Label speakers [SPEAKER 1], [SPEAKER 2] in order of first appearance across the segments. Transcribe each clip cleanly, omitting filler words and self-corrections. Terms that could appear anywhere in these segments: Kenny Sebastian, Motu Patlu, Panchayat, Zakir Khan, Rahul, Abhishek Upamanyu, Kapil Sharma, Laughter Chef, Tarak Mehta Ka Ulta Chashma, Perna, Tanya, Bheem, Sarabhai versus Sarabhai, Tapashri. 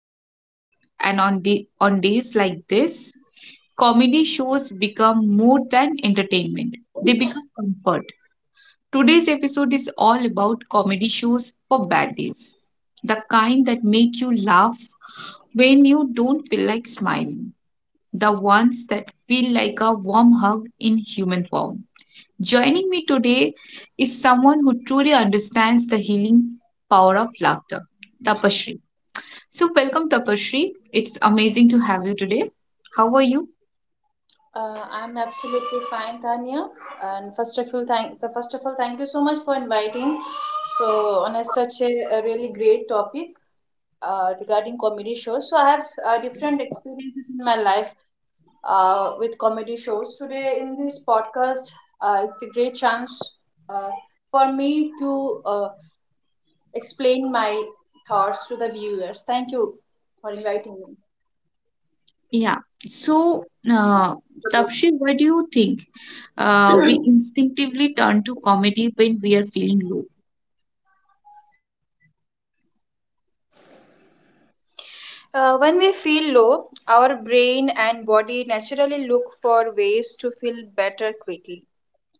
[SPEAKER 1] right. On days like this, comedy shows become more than entertainment, they become comfort. Today's episode is all about comedy shows for bad days, the kind that make you laugh when you don't feel like smiling, the ones that feel like a warm hug in human form. Joining me today is someone who truly understands the healing power of laughter, Tapashri. So, welcome, Tapashri. It's amazing to have you today. How are you?
[SPEAKER 2] I'm absolutely fine, Tanya. And first of all, thank the first of all, thank you so much for inviting. So on a really great topic regarding comedy shows. So I have different experiences in my life with comedy shows. Today in this podcast, it's a great chance uh, for me to explain my thoughts to the viewers. Thank you for inviting me.
[SPEAKER 1] Yeah. So, uh, Tapshi, what do you think? We instinctively turn to comedy when we are feeling low.
[SPEAKER 2] When we feel low, our brain and body naturally look for ways to feel better quickly.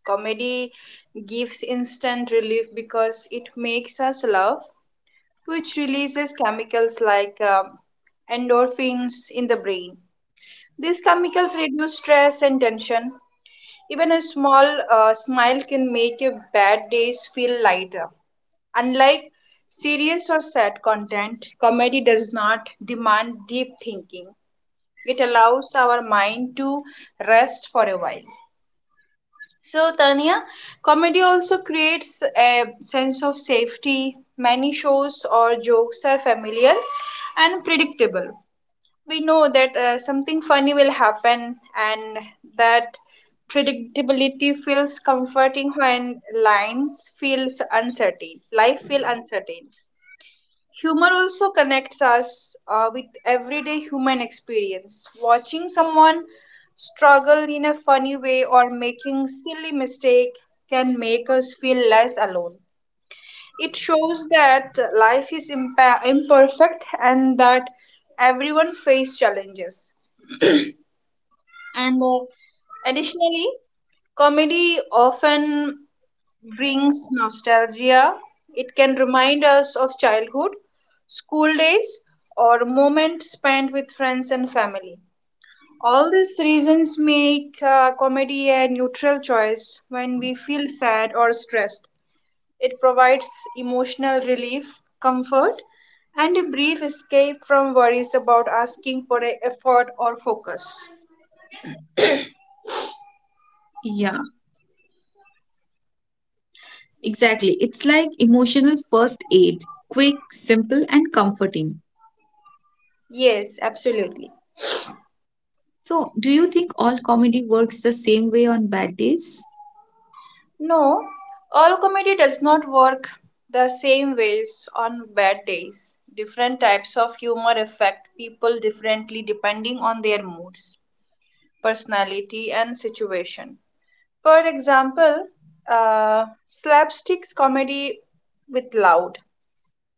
[SPEAKER 2] Comedy gives instant relief because it makes us laugh, which releases chemicals like endorphins in the brain. These chemicals reduce stress and tension, even a small smile can make your bad days feel lighter. Unlike serious or sad content, comedy does not demand deep thinking. It allows our mind to rest for a while. So, Tanya, comedy also creates a sense of safety. Many shows or jokes are familiar and predictable. We know that something funny will happen, and that predictability feels comforting when lines feels uncertain life feel uncertain. Humor also connects us with everyday human experience. Watching someone struggle in a funny way or making silly mistake can make us feel less alone. It shows that imperfect and that everyone face challenges. And Additionally, comedy often brings nostalgia. It can remind us of childhood, school days, or moments spent with friends and family. All these reasons make comedy a neutral choice when we feel sad or stressed. It provides emotional relief, comfort, and a brief escape from worries about asking for a effort or focus.
[SPEAKER 1] Yeah, exactly. It's like emotional first aid, quick, simple, and comforting.
[SPEAKER 2] Yes, absolutely.
[SPEAKER 1] So, do you think all comedy works the same way on bad days?
[SPEAKER 2] No, all comedy does not work the same ways on bad days. Different types of humor affect people differently depending on their moods, personality, and situation. For example, uh, slapsticks comedy with loud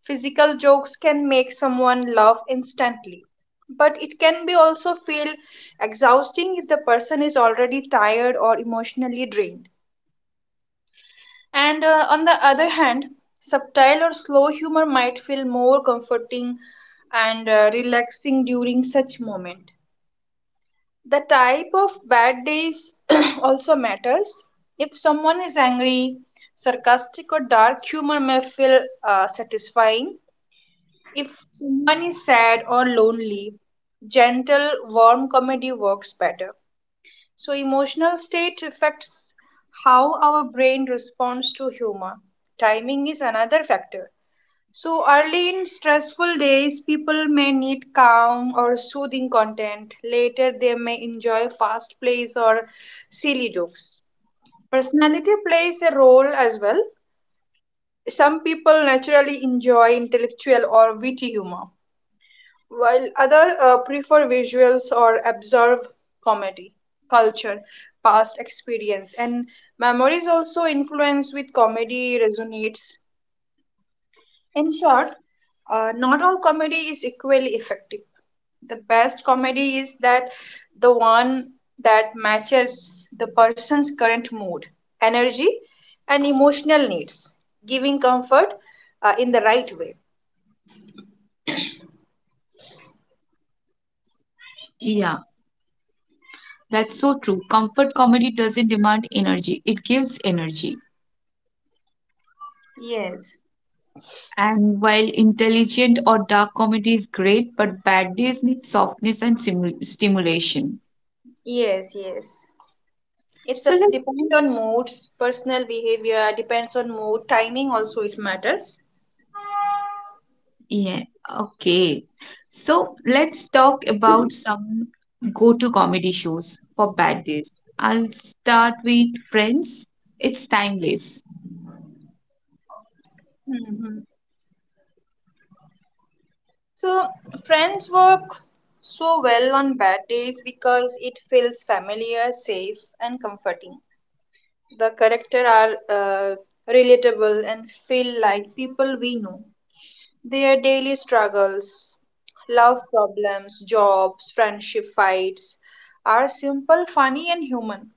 [SPEAKER 2] physical jokes can make someone laugh instantly, but it can be also feel exhausting if the person is already tired or emotionally drained. And On the other hand, subtle or slow humor might feel more comforting and relaxing during such moment. The type of bad days also matters. If someone is angry, sarcastic or dark humor may feel satisfying. If someone is sad or lonely, gentle, warm comedy works better. So, emotional state affects how our brain responds to humor. Timing is another factor. So, early in stressful days, people may need calm or soothing content. Later, they may enjoy fast plays or silly jokes. Personality plays a role as well. Some people naturally enjoy intellectual or witty humor, while other prefer visuals or observe comedy, culture, past experience, and memories also influence with comedy resonates. In short, not all comedy is equally effective. The best comedy is that the one that matches the person's current mood, energy, and emotional needs, giving comfort in the right way.
[SPEAKER 1] Yeah, that's so true. Comfort comedy doesn't demand energy, it gives energy.
[SPEAKER 2] Yes,
[SPEAKER 1] And while intelligent or dark comedy is great, but bad days need softness and stimulation.
[SPEAKER 2] yes, yes. It's
[SPEAKER 1] So
[SPEAKER 2] a
[SPEAKER 1] like,
[SPEAKER 2] depend on moods, personal behavior depends on mood, timing also it matters.
[SPEAKER 1] yeah, okay. So let's talk about some go-to comedy shows for bad days. I'll start with Friends. It's timeless.
[SPEAKER 2] hmm So friends work so well on bad days because it feels familiar, safe, and comforting. The character are uh, relatable and feel like people we know. Their daily struggles, love problems, jobs, friendship fights are simple, funny, and human.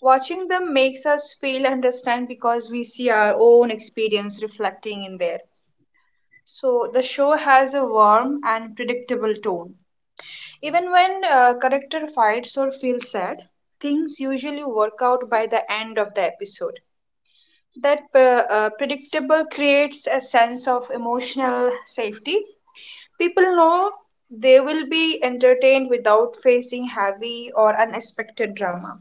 [SPEAKER 2] Watching them makes us feel understand because we see our own experience reflecting in there. So the show has a warm and predictable tone. Even when a character fights or feels sad, things usually work out by the end of the episode. That predictable creates a sense of emotional safety. People know they will be entertained without facing heavy or unexpected drama.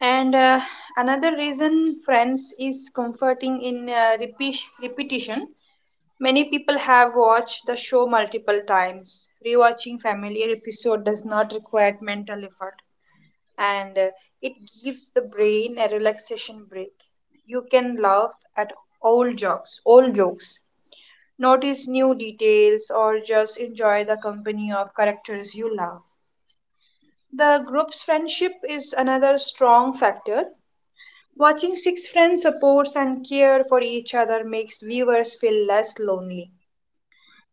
[SPEAKER 2] And Another reason, Friends, is comforting in repetition. Many people have watched the show multiple times. Rewatching familiar episode does not require mental effort, and it gives the brain a relaxation break. You can laugh at old jokes, notice new details, or just enjoy the company of characters you love. The group's friendship is another strong factor. Watching six friends support and care for each other makes viewers feel less lonely.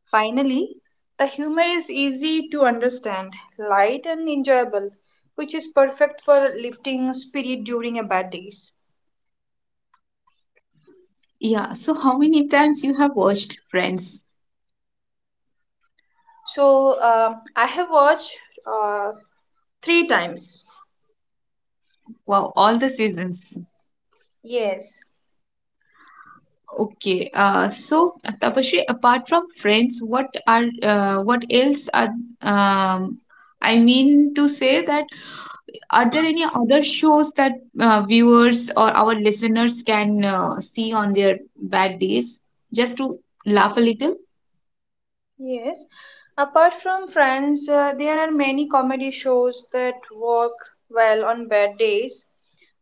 [SPEAKER 2] Finally, the humor is easy to understand, light and enjoyable, which is perfect for lifting spirit during a bad days.
[SPEAKER 1] Yeah, so how many times you have watched Friends?
[SPEAKER 2] So I have watched uh, three times.
[SPEAKER 1] Wow, all the seasons.
[SPEAKER 2] Yes.
[SPEAKER 1] Tapasree, apart from Friends, what else are um, I mean to say that are there any other shows that viewers or our listeners can see on their bad days just to laugh a little?
[SPEAKER 2] Yes. Apart from Friends, there are many comedy shows that work well on bad days.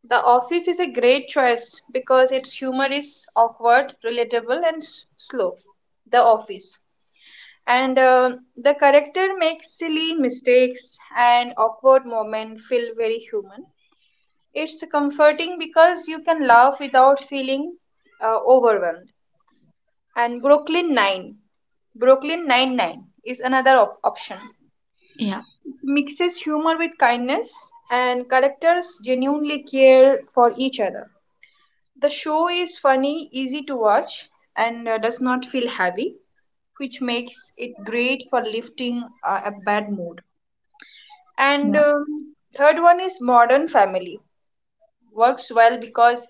[SPEAKER 2] The Office is a great choice because its humor is awkward, relatable, and slow. The Office. And The character makes silly mistakes and awkward moment feel very human. It's comforting because you can laugh without feeling overwhelmed. And Brooklyn Nine. Brooklyn Nine-Nine is another option.
[SPEAKER 1] Yeah.
[SPEAKER 2] It mixes humor with kindness, and characters genuinely care for each other. The show is funny, easy to watch, and does not feel heavy, which makes it great for lifting a bad mood.
[SPEAKER 1] Yeah.
[SPEAKER 2] And Third one is Modern Family. Works well because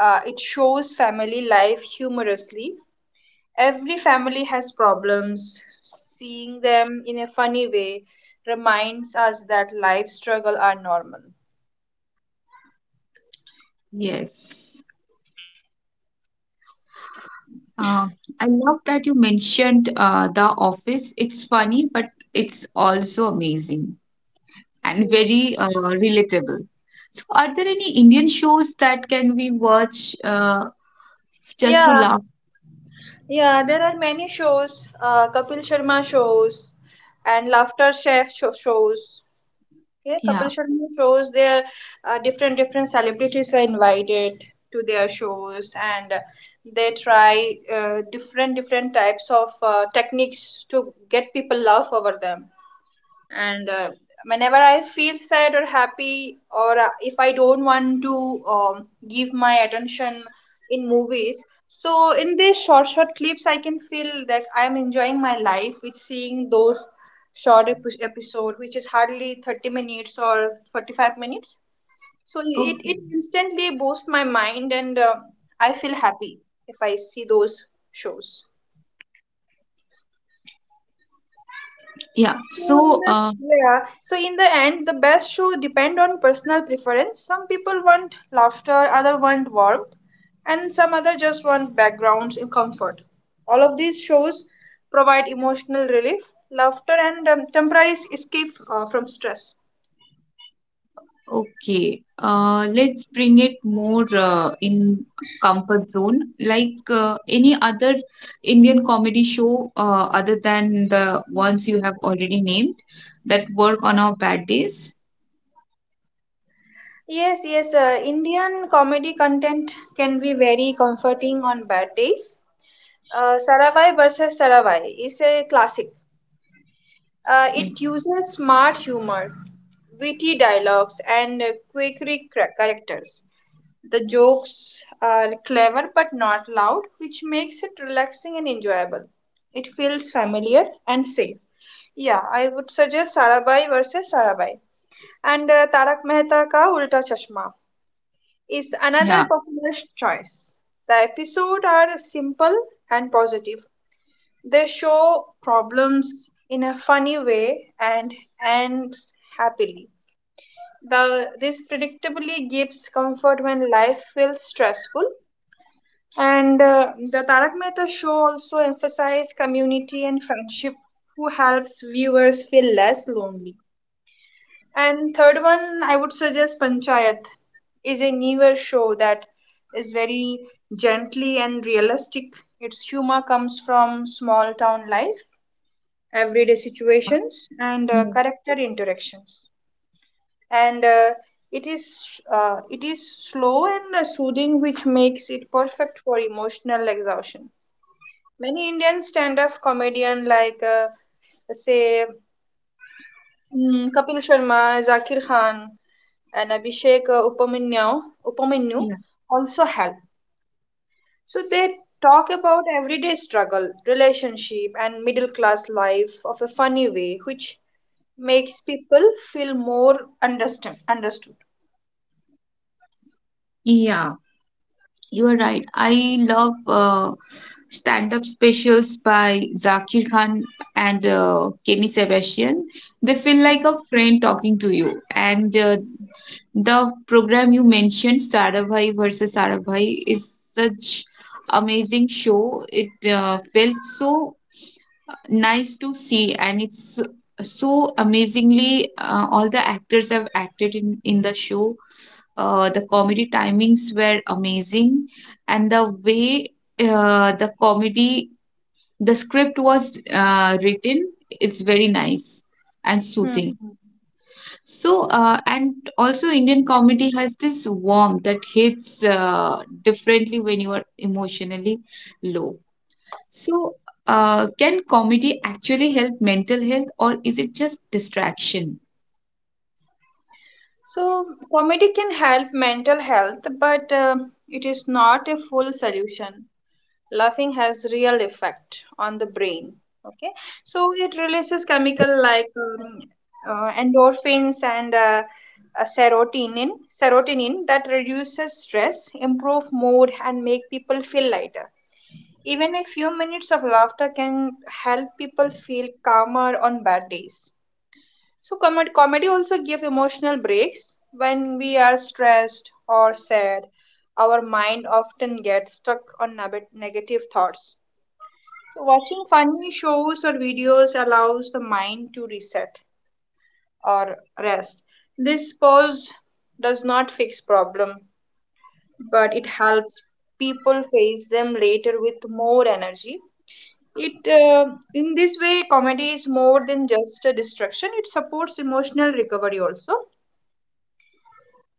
[SPEAKER 2] it shows family life humorously. Every family has problems. Seeing them in a funny way reminds us that life struggle are normal.
[SPEAKER 1] Yes. Uh, I love that you mentioned The Office. It's funny, but it's also amazing and
[SPEAKER 2] Yes.
[SPEAKER 1] very relatable. So, are there any Indian shows that can we watch just to
[SPEAKER 2] Yeah,
[SPEAKER 1] laugh?
[SPEAKER 2] yeah, there are many shows, Kapil Sharma shows and Laughter Chef shows. Okay, Kapil
[SPEAKER 1] Yeah.
[SPEAKER 2] Sharma shows there different celebrities were invited to their shows, and they try different types of techniques to get people love over them. And whenever I feel sad or happy, or if I don't want to give my attention in movies, so in these short clips I can feel that I am enjoying my life with seeing those episode, which is hardly 30 minutes or 45 minutes. So
[SPEAKER 1] Oh,
[SPEAKER 2] it instantly boosts my mind, and I feel happy if I see those shows.
[SPEAKER 1] yeah.
[SPEAKER 2] So in the end, the best show depend on personal preference. Some people want laughter, other want warmth, and some other just want backgrounds in comfort. All of these shows provide emotional relief, laughter, and temporary escape from stress.
[SPEAKER 1] Okay, let's bring it more in comfort zone. Like any other Indian comedy show, other than the ones you have already named, that work on our bad days.
[SPEAKER 2] Yes, yes. Indian comedy content can be very comforting on bad days. Saravai versus Saravai is a classic.
[SPEAKER 1] Mm,
[SPEAKER 2] It uses smart humor, witty dialogues, and quirky characters. The jokes are clever but not loud, which makes it relaxing and enjoyable. It feels familiar and safe. Yeah, I would suggest Sarabhai versus Sarabhai. And Tarak Mehta Ka Ulta Chashma is
[SPEAKER 1] yeah,
[SPEAKER 2] another popular choice. The episodes are simple and positive, they show problems in a funny way and ends happily. This predictably gives comfort when life feels stressful. And The Tarak Mehta show also emphasizes community and friendship, who helps viewers feel less lonely. And third one, I would suggest Panchayat is a newer show that is very gently and realistic. Its humor comes from small town life, everyday situations and
[SPEAKER 1] mm,
[SPEAKER 2] character interactions, and it is slow and soothing, which makes it perfect for emotional exhaustion. Many Indian stand-up comedian like say Kapil Sharma, Zakir Khan, and Abhishek Upamanyu
[SPEAKER 1] yeah,
[SPEAKER 2] also help. So they talk about everyday struggle, relationship and middle class life of a funny way, which makes people feel more understand understood.
[SPEAKER 1] yeah. You are right. I love stand-up specials by Zakir Khan and Kenny Sebastian. They feel like a friend talking to you, and the program you mentioned, Sarabhai versus Sarabhai, is such amazing show. It felt so nice to see, and it's so amazingly, all the actors have acted in the show. The comedy timings were amazing, and the way uh, the comedy the script was written, it's very nice and
[SPEAKER 2] Hmm.
[SPEAKER 1] soothing. And also Indian comedy has this warmth that hits differently when you are emotionally low. So, can comedy actually help mental health, or is it just distraction?
[SPEAKER 2] So comedy can help mental health, but it is not a full solution. Laughing has real effect on the brain. Okay, so it releases chemical like endorphins and uh, serotonin, serotonin that reduces stress, improve mood, and make people feel lighter. Even a few minutes of laughter can help people feel calmer on bad days. So, comedy also gives emotional breaks. When we are stressed or sad, our mind often gets stuck on negative thoughts. So watching funny shows or videos allows the mind to reset or rest. This pause does not fix problem, but it helps people face them later with more energy. It in this way, comedy is more than just a distraction. It supports emotional recovery also.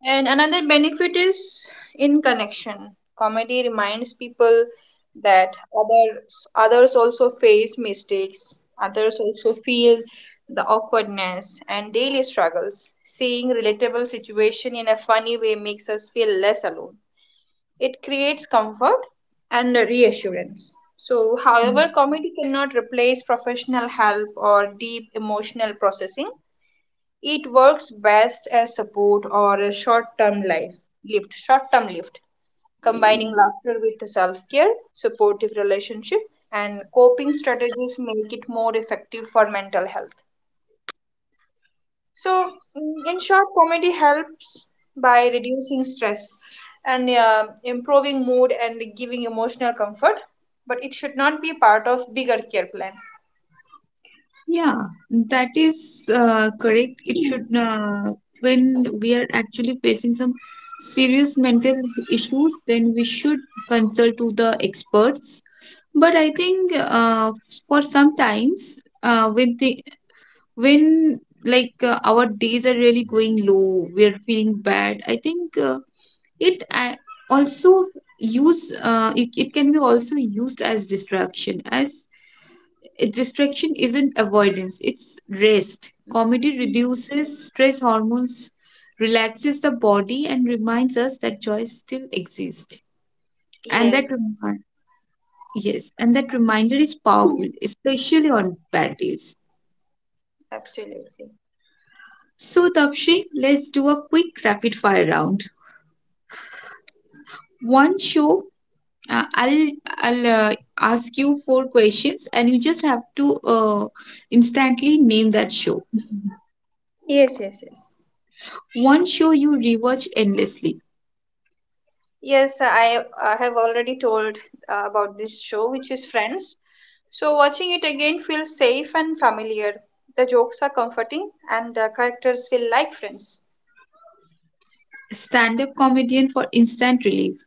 [SPEAKER 2] And another benefit is in connection. Comedy reminds people that others also face mistakes. Others also feel the awkwardness and daily struggles. Seeing relatable situation in a funny way makes us feel less alone. It creates comfort and reassurance. So,
[SPEAKER 1] Mm.
[SPEAKER 2] however, comedy cannot replace professional help or deep emotional processing. It works best as support or a short-term lift, combining laughter with self-care, supportive relationship, and coping strategies make it more effective for mental health. So, in short, comedy helps by reducing stress and improving mood and giving emotional comfort, but it should not be part of bigger care plan.
[SPEAKER 1] Yeah, that is correct. When we are actually facing some serious mental issues, then we should consult to the experts, but I think for sometimes, uh, when the when our days are really going low, we're feeling bad, I think it uh, also it can be also used as distraction. As Distraction isn't avoidance, it's rest. Comedy
[SPEAKER 2] Mm.
[SPEAKER 1] reduces stress hormones, relaxes the body, and reminds us that joy still exists, and that
[SPEAKER 2] Yes,
[SPEAKER 1] yes, and that reminder is powerful, especially on bad days.
[SPEAKER 2] absolutely.
[SPEAKER 1] So, Tapshi, let's do a quick rapid fire round. One show, I'll ask you 4 questions, and you just have to instantly name that show.
[SPEAKER 2] Yes, yes, yes.
[SPEAKER 1] One show you rewatch endlessly.
[SPEAKER 2] Yes, I have already told about this show, which is Friends. So, watching it again feels safe and familiar. The jokes are comforting, and the characters feel like friends.
[SPEAKER 1] Stand-up comedian for instant relief.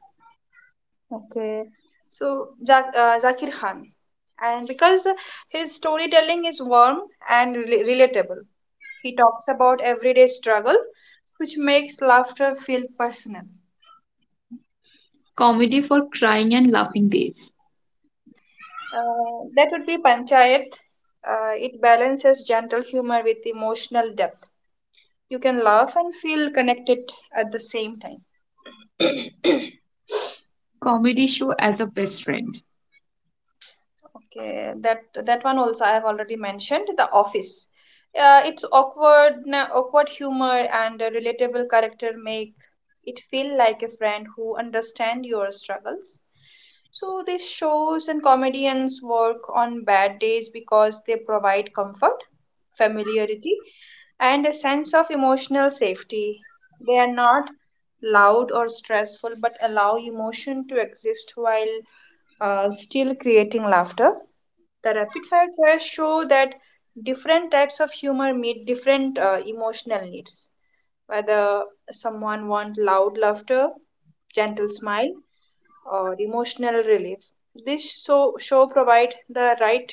[SPEAKER 2] Okay, so Zakir Khan, and because his storytelling is warm and relatable, he talks about everyday struggle, which makes laughter feel personal.
[SPEAKER 1] Comedy for crying and laughing days.
[SPEAKER 2] That would be Panchayat. It balances gentle humor with emotional depth. You can laugh and feel connected at the same time.
[SPEAKER 1] Comedy show as a best friend.
[SPEAKER 2] Okay, that one also I have already mentioned. The Office. Its awkward humor and a relatable character make it feel like a friend who understands your struggles. So these shows and comedians work on bad days because they provide comfort, familiarity, and a sense of emotional safety. They are not loud or stressful but allow emotion to exist while still creating laughter. The rapid fire tests show that different types of humor meet different emotional needs. Whether someone wants loud laughter, gentle smile, or emotional relief. This show provide the right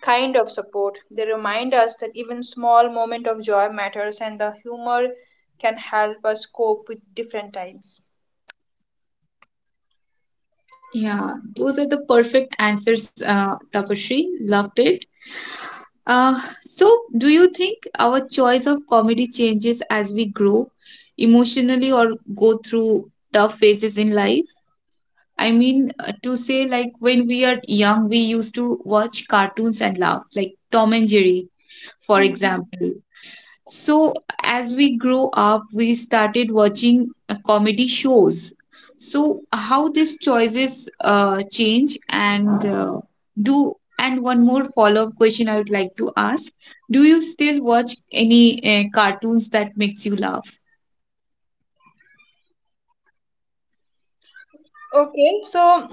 [SPEAKER 2] kind of support. They remind us that even small moment of joy matters and the humor can help us cope with different times.
[SPEAKER 1] Yeah, those are the perfect answers, Tapashri. Loved it. So, do you think our choice of comedy changes as we grow emotionally or go through tough phases in life? I mean, to say like when we are young, we used to watch cartoons and laugh, like Tom and Jerry, for
[SPEAKER 2] Mhm.
[SPEAKER 1] example. So, as we grow up, we started watching comedy shows. So, how these choices change, and one more follow-up question I would like to ask. Do you still watch any cartoons that makes you laugh?
[SPEAKER 2] Okay, so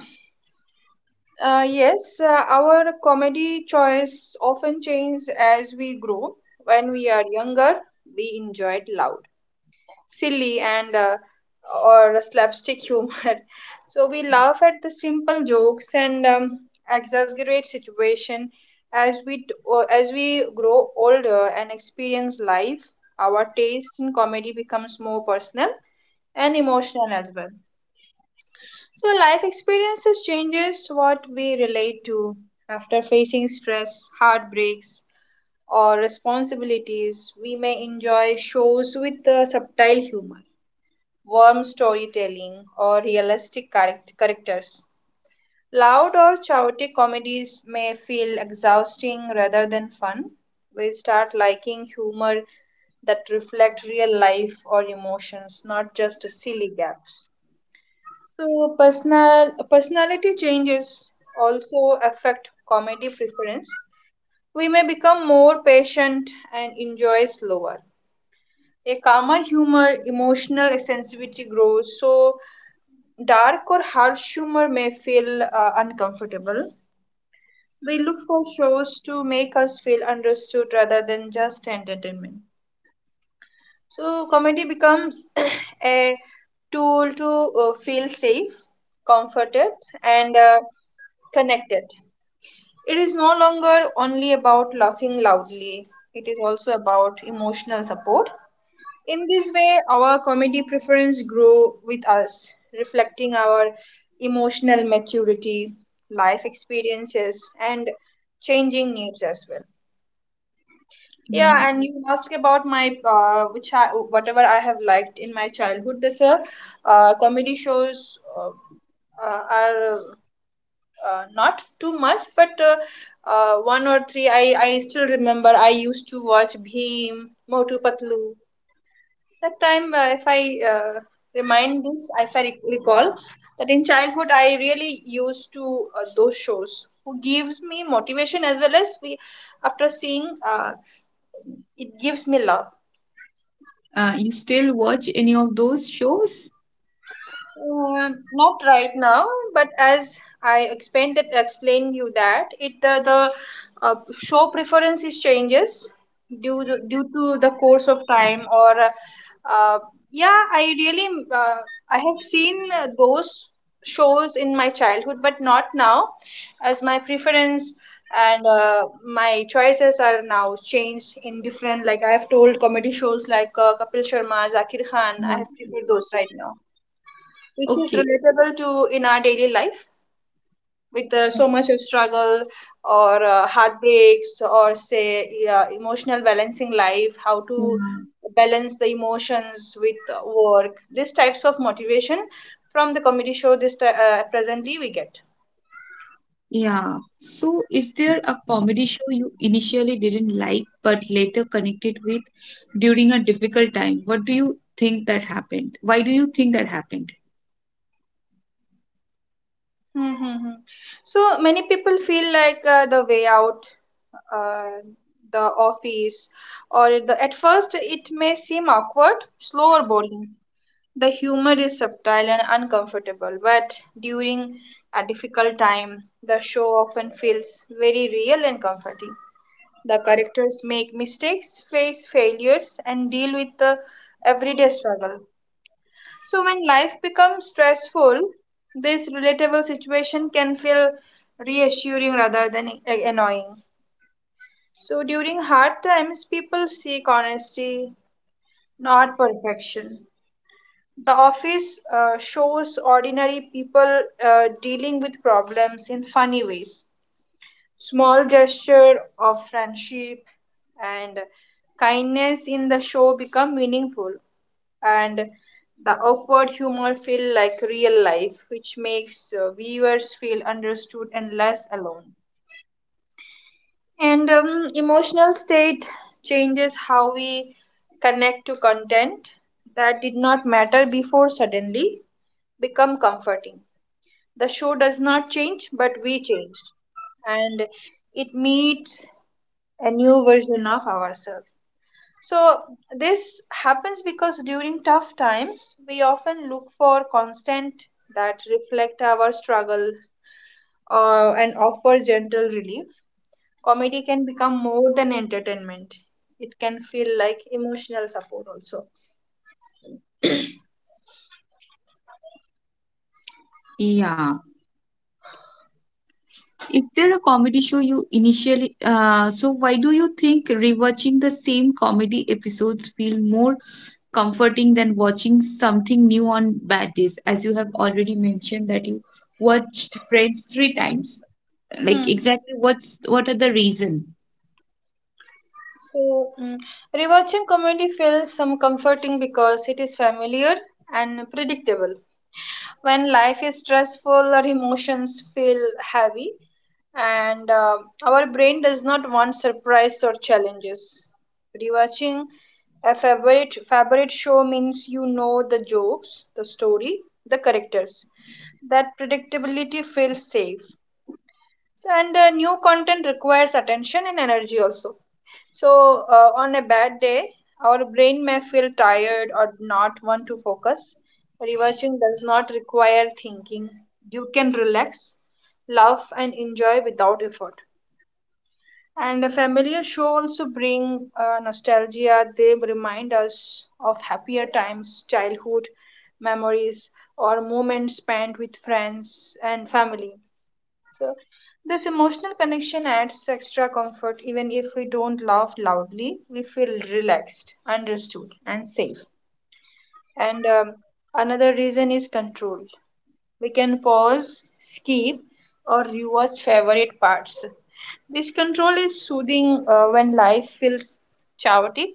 [SPEAKER 2] Uh, yes, uh, our comedy choice often changes as we grow. When we are younger, we enjoyed loud, silly, and or slapstick humor. So we laugh at the simple jokes and exaggerate situation. As we grow older and experience life, our taste in comedy becomes more personal and emotional as well. So, life experiences changes what we relate to. After facing stress, heartbreaks, or responsibilities, we may enjoy shows with subtle humor, warm storytelling, or realistic characters. Loud or chaotic comedies may feel exhausting rather than fun. We start liking humor that reflect real life or emotions, not just silly gaps. So personality changes also affect comedy preference. We may become more patient and enjoy slower. A calmer humor, emotional sensitivity grows, so dark or harsh humor may feel uncomfortable. We look for shows to make us feel understood rather than just entertainment. So, comedy becomes a tool to feel safe, comforted, and connected. It is no longer only about laughing loudly, it is also about emotional support. In this way, our comedy preference grow with us, reflecting our emotional maturity, life experiences, and changing needs as well.
[SPEAKER 1] Yeah.
[SPEAKER 2] Yeah, and you asked about my which I whatever I have liked in my childhood. This comedy shows are not too much, but one or three I still remember. I used to watch Bheem, Motu Patlu. That time, if I uh, remind this, if I recall that in childhood I really used to those shows. Who gives me motivation as well as we after seeing it gives me love.
[SPEAKER 1] You still watch any of those shows?
[SPEAKER 2] Not right now, but as I explained that explained you that it the uh, show preferences changes due to the course of time or yeah I really uh, I have seen those shows in my childhood but not now as my preference and my choices are now changed in different like I have told comedy shows like Kapil Sharma, Zakir Khan
[SPEAKER 1] Yeah.
[SPEAKER 2] I have preferred those right now which is
[SPEAKER 1] Okay.
[SPEAKER 2] relatable to in our daily life with so much of struggle or heartbreaks or say yeah, emotional balancing life how
[SPEAKER 1] Yeah.
[SPEAKER 2] to balance the emotions with work these types of motivation from the comedy show presently we get.
[SPEAKER 1] Yeah. So, is there a comedy show you initially didn't like but later connected with during a difficult time? What do you think that happened? Why do you think that happened?
[SPEAKER 2] Mm-hmm. So many people feel like the way out uh, the office or the, at first it may seem awkward slow or boring. The humor is subtle and uncomfortable, but during a difficult time, the show often feels very real and comforting. The characters make mistakes, face failures, and deal with the everyday struggle. So, when life becomes stressful, this relatable situation can feel reassuring rather than annoying. So, during hard times, people seek honesty, not perfection. The office shows ordinary people dealing with problems in funny ways. Small gesture of friendship and kindness in the show become meaningful, and the awkward humor feel like real life, which makes viewers feel understood and less alone. And emotional state changes how we connect to content that did not matter before suddenly become comforting. The show does not change, but we changed, and it meets a new version of ourselves. So, this happens because during tough times, we often look for constant that reflect our struggles and offer gentle relief. Comedy can become more than entertainment, it can feel like emotional support also.
[SPEAKER 1] Yeah. Is there a comedy show you initially so why do you think rewatching the same comedy episodes feel more comforting than watching something new on bad days? As you have already mentioned that you watched Friends 3 times.
[SPEAKER 2] Hmm.
[SPEAKER 1] Like exactly what are the reason?
[SPEAKER 2] So, rewatching comedy feels some comforting because it is familiar and predictable. When life is stressful, our emotions feel heavy, and our brain does not want surprise or challenges. Rewatching a favorite show means you know the jokes, the story, the characters. That predictability feels safe. So, and new content requires attention and energy also so, on a bad day, our brain may feel tired or not want to focus. Rewatching does not require thinking. You can relax, laugh, and enjoy without effort. And a familiar show also bring nostalgia. They remind us of happier times, childhood memories, or moments spent with friends and family. So, this emotional connection adds extra comfort even if we don't laugh loudly. We feel relaxed, understood, and safe. And another reason is control. We can pause, skip, or rewatch favorite parts. This control is soothing when life feels chaotic,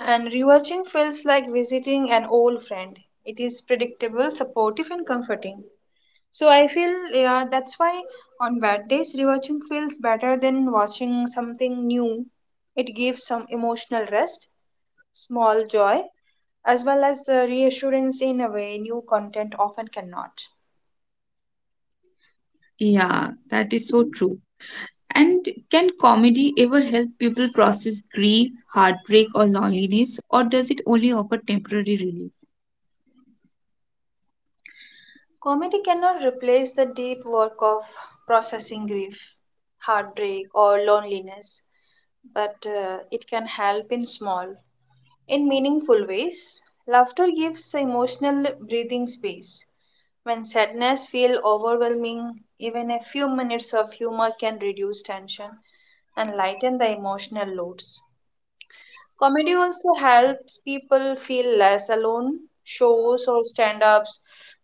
[SPEAKER 2] and rewatching feels like visiting an old friend. It is predictable, supportive, and comforting. So I feel yeah, that's why on bad days rewatching feels better than watching something new. It gives some emotional rest, small joy, as well as reassurance in a way new content often cannot.
[SPEAKER 1] Yeah, that is so true. And can comedy ever help people process grief, heartbreak, or loneliness, or does it only offer temporary relief?
[SPEAKER 2] Comedy cannot replace the deep work of processing grief, heartbreak, or loneliness, but it can help in small, in meaningful ways. Laughter gives emotional breathing space. When sadness feels overwhelming, even a few minutes of humor can reduce tension and lighten the emotional loads. Comedy also helps people feel less alone. Shows or stand ups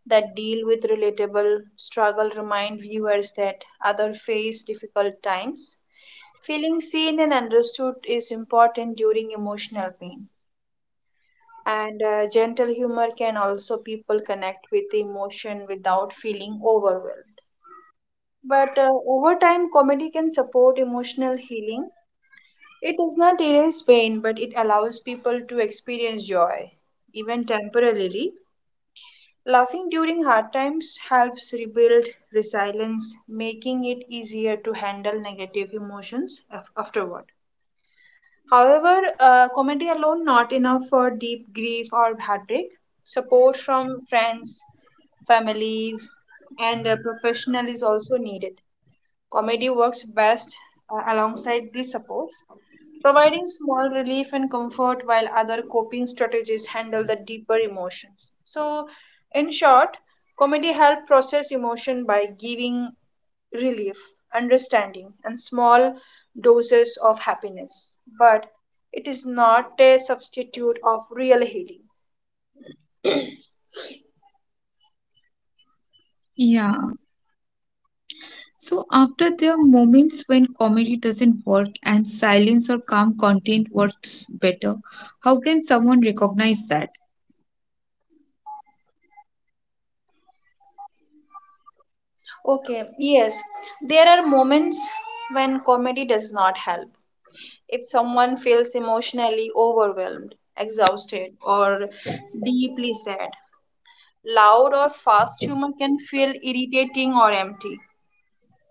[SPEAKER 2] that deal with relatable struggle remind viewers that others face difficult times. Feeling seen and understood is important during emotional pain and gentle humor can also people connect with emotion without feeling overwhelmed but over time comedy can support emotional healing. It does not erase pain but it allows people to experience joy even temporarily. Laughing during hard times helps rebuild resilience making it easier to handle negative emotions afterward. However, comedy alone not enough for deep grief or heartbreak. Support from friends, families, and professional is also needed. Comedy works best alongside these supports providing small relief and comfort while other coping strategies handle the deeper emotions. So, in short, comedy helps process emotion by giving relief, understanding, and small doses of happiness. But it is not a substitute of real healing.
[SPEAKER 1] Yeah. So after there are moments when comedy doesn't work and silence or calm content works better, how can someone recognize that?
[SPEAKER 2] Okay, yes, there are moments when comedy does not help. If someone feels emotionally overwhelmed, exhausted, or deeply sad, loud or fast humor can feel irritating or empty.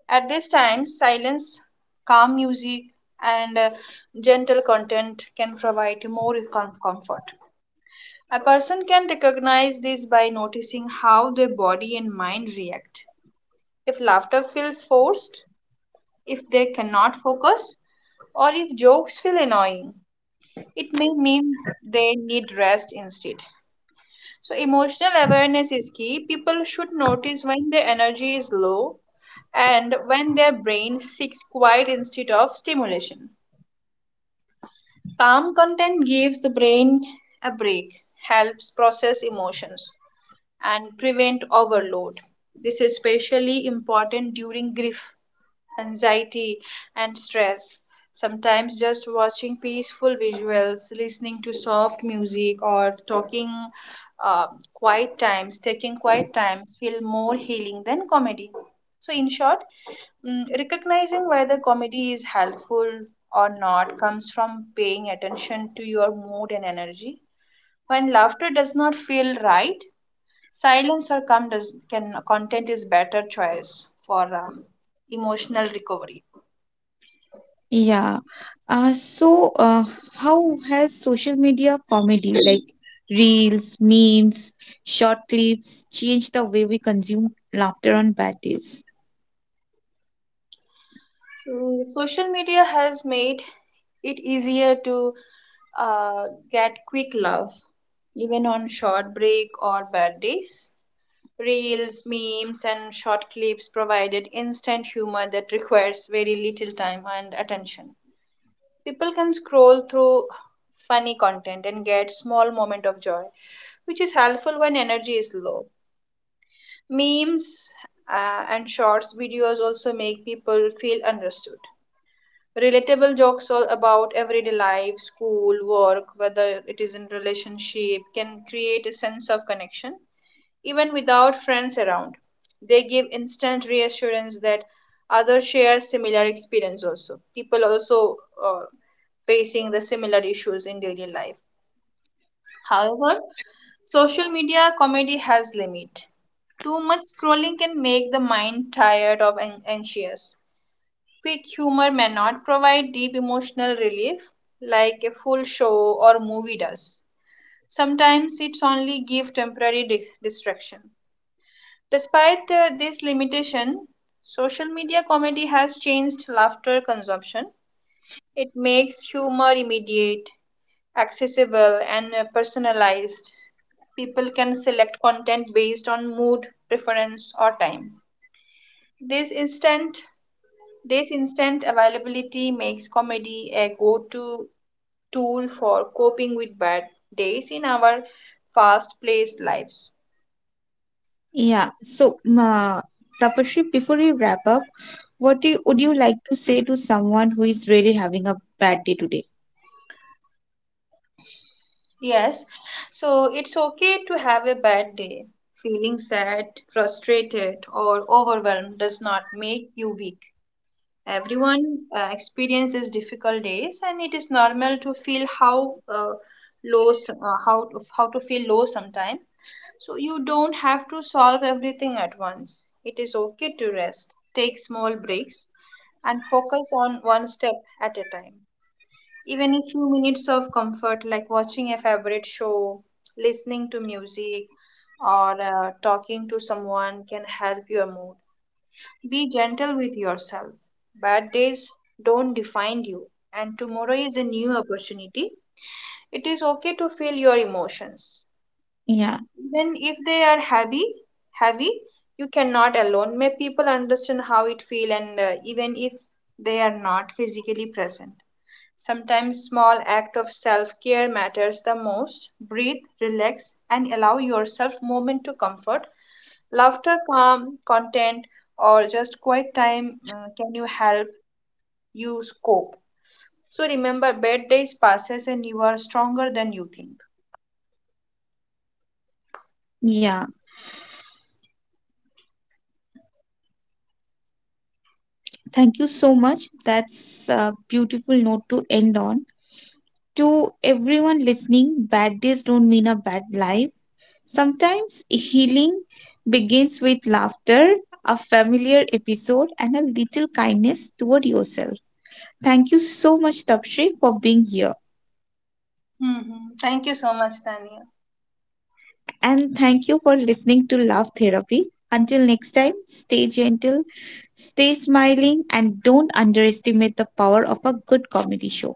[SPEAKER 2] At this time, silence, calm music, and gentle content can provide more comfort. A person can recognize this by noticing how their body and mind react. If laughter feels forced, if they cannot focus, or if jokes feel annoying, it may mean they need rest instead. So, emotional awareness is key. People should notice when their energy is low and when their brain seeks quiet instead of stimulation. Calm content gives the brain a break, helps process emotions, and prevent overload. This is especially important during grief anxiety, and stress. Sometimes just watching peaceful visuals, listening to soft music, or talking uh, taking quiet times, feel more healing than comedy. So, in short, recognizing whether comedy is helpful or not comes from paying attention to your mood and energy. When laughter does not feel right, silence or calm does, can content is better choice for emotional recovery.
[SPEAKER 1] Yeah. Uh, so, uh, how has social media comedy, like reels, memes, short clips, changed the way we consume laughter on bad days?
[SPEAKER 2] So, social media has made it easier to uh, get quick love, even on short break or bad days. Reels, memes, and short clips provided instant humor that requires very little time and attention. People can scroll through funny content and get small moment of joy, which is helpful when energy is low. Memes and shorts videos also make people feel understood relatable jokes all about everyday life school work whether it is in relationship can create a sense of connection even without friends around. They give instant reassurance that others share similar experience also people also uh, facing the similar issues in daily life. However, social media comedy has limit. Too much scrolling can make the mind tired of anxious. Quick humor may not provide deep emotional relief like a full show or movie does. Sometimes it's only give temporary distraction. Despite this limitation, social media comedy has changed laughter consumption. It makes humor immediate, accessible, and personalized. People can select content based on mood, preference, or time. This instant This instant availability makes comedy a go to tool for coping with bad days in our fast paced lives.
[SPEAKER 1] Yeah. Tapashri, before you wrap up, would
[SPEAKER 2] Mhm.
[SPEAKER 1] you like to say to someone who is really having a bad day today?
[SPEAKER 2] Yes, so it's okay to have a bad day. Feeling sad, frustrated, or overwhelmed does not make you weak. Everyone experiences difficult days, and it is normal to feel low, s- uh, how how to feel low sometimes. So you don't have to solve everything at once. It is okay to rest, take small breaks, and focus on one step at a time. Even a few minutes of comfort, like watching a favorite show, listening to music, or talking to someone, can help your mood. Be gentle with yourself. Bad days don't define you, and tomorrow is a new opportunity. It is okay to feel your emotions.
[SPEAKER 1] Yeah.
[SPEAKER 2] Even if they are heavy, you cannot alone. May people understand how it feel and even if they are not physically present. Sometimes small act of self-care matters the most. Breathe, relax, and allow yourself moment to comfort. Laughter, calm, content, or just quiet time can you help you cope. So remember, bad days passes and you are stronger than you think.
[SPEAKER 1] Yeah. Thank you so much. That's a beautiful note to end on. To everyone listening, bad days don't mean a bad life. Sometimes healing begins with laughter, a familiar episode, and a little kindness toward yourself. Thank you so much, Tapshri, for being here.
[SPEAKER 2] Hmm. Thank you so much, Tanya.
[SPEAKER 1] And thank you for listening to Love Therapy. Until next time, stay gentle, stay smiling, and don't underestimate the power of a good comedy show.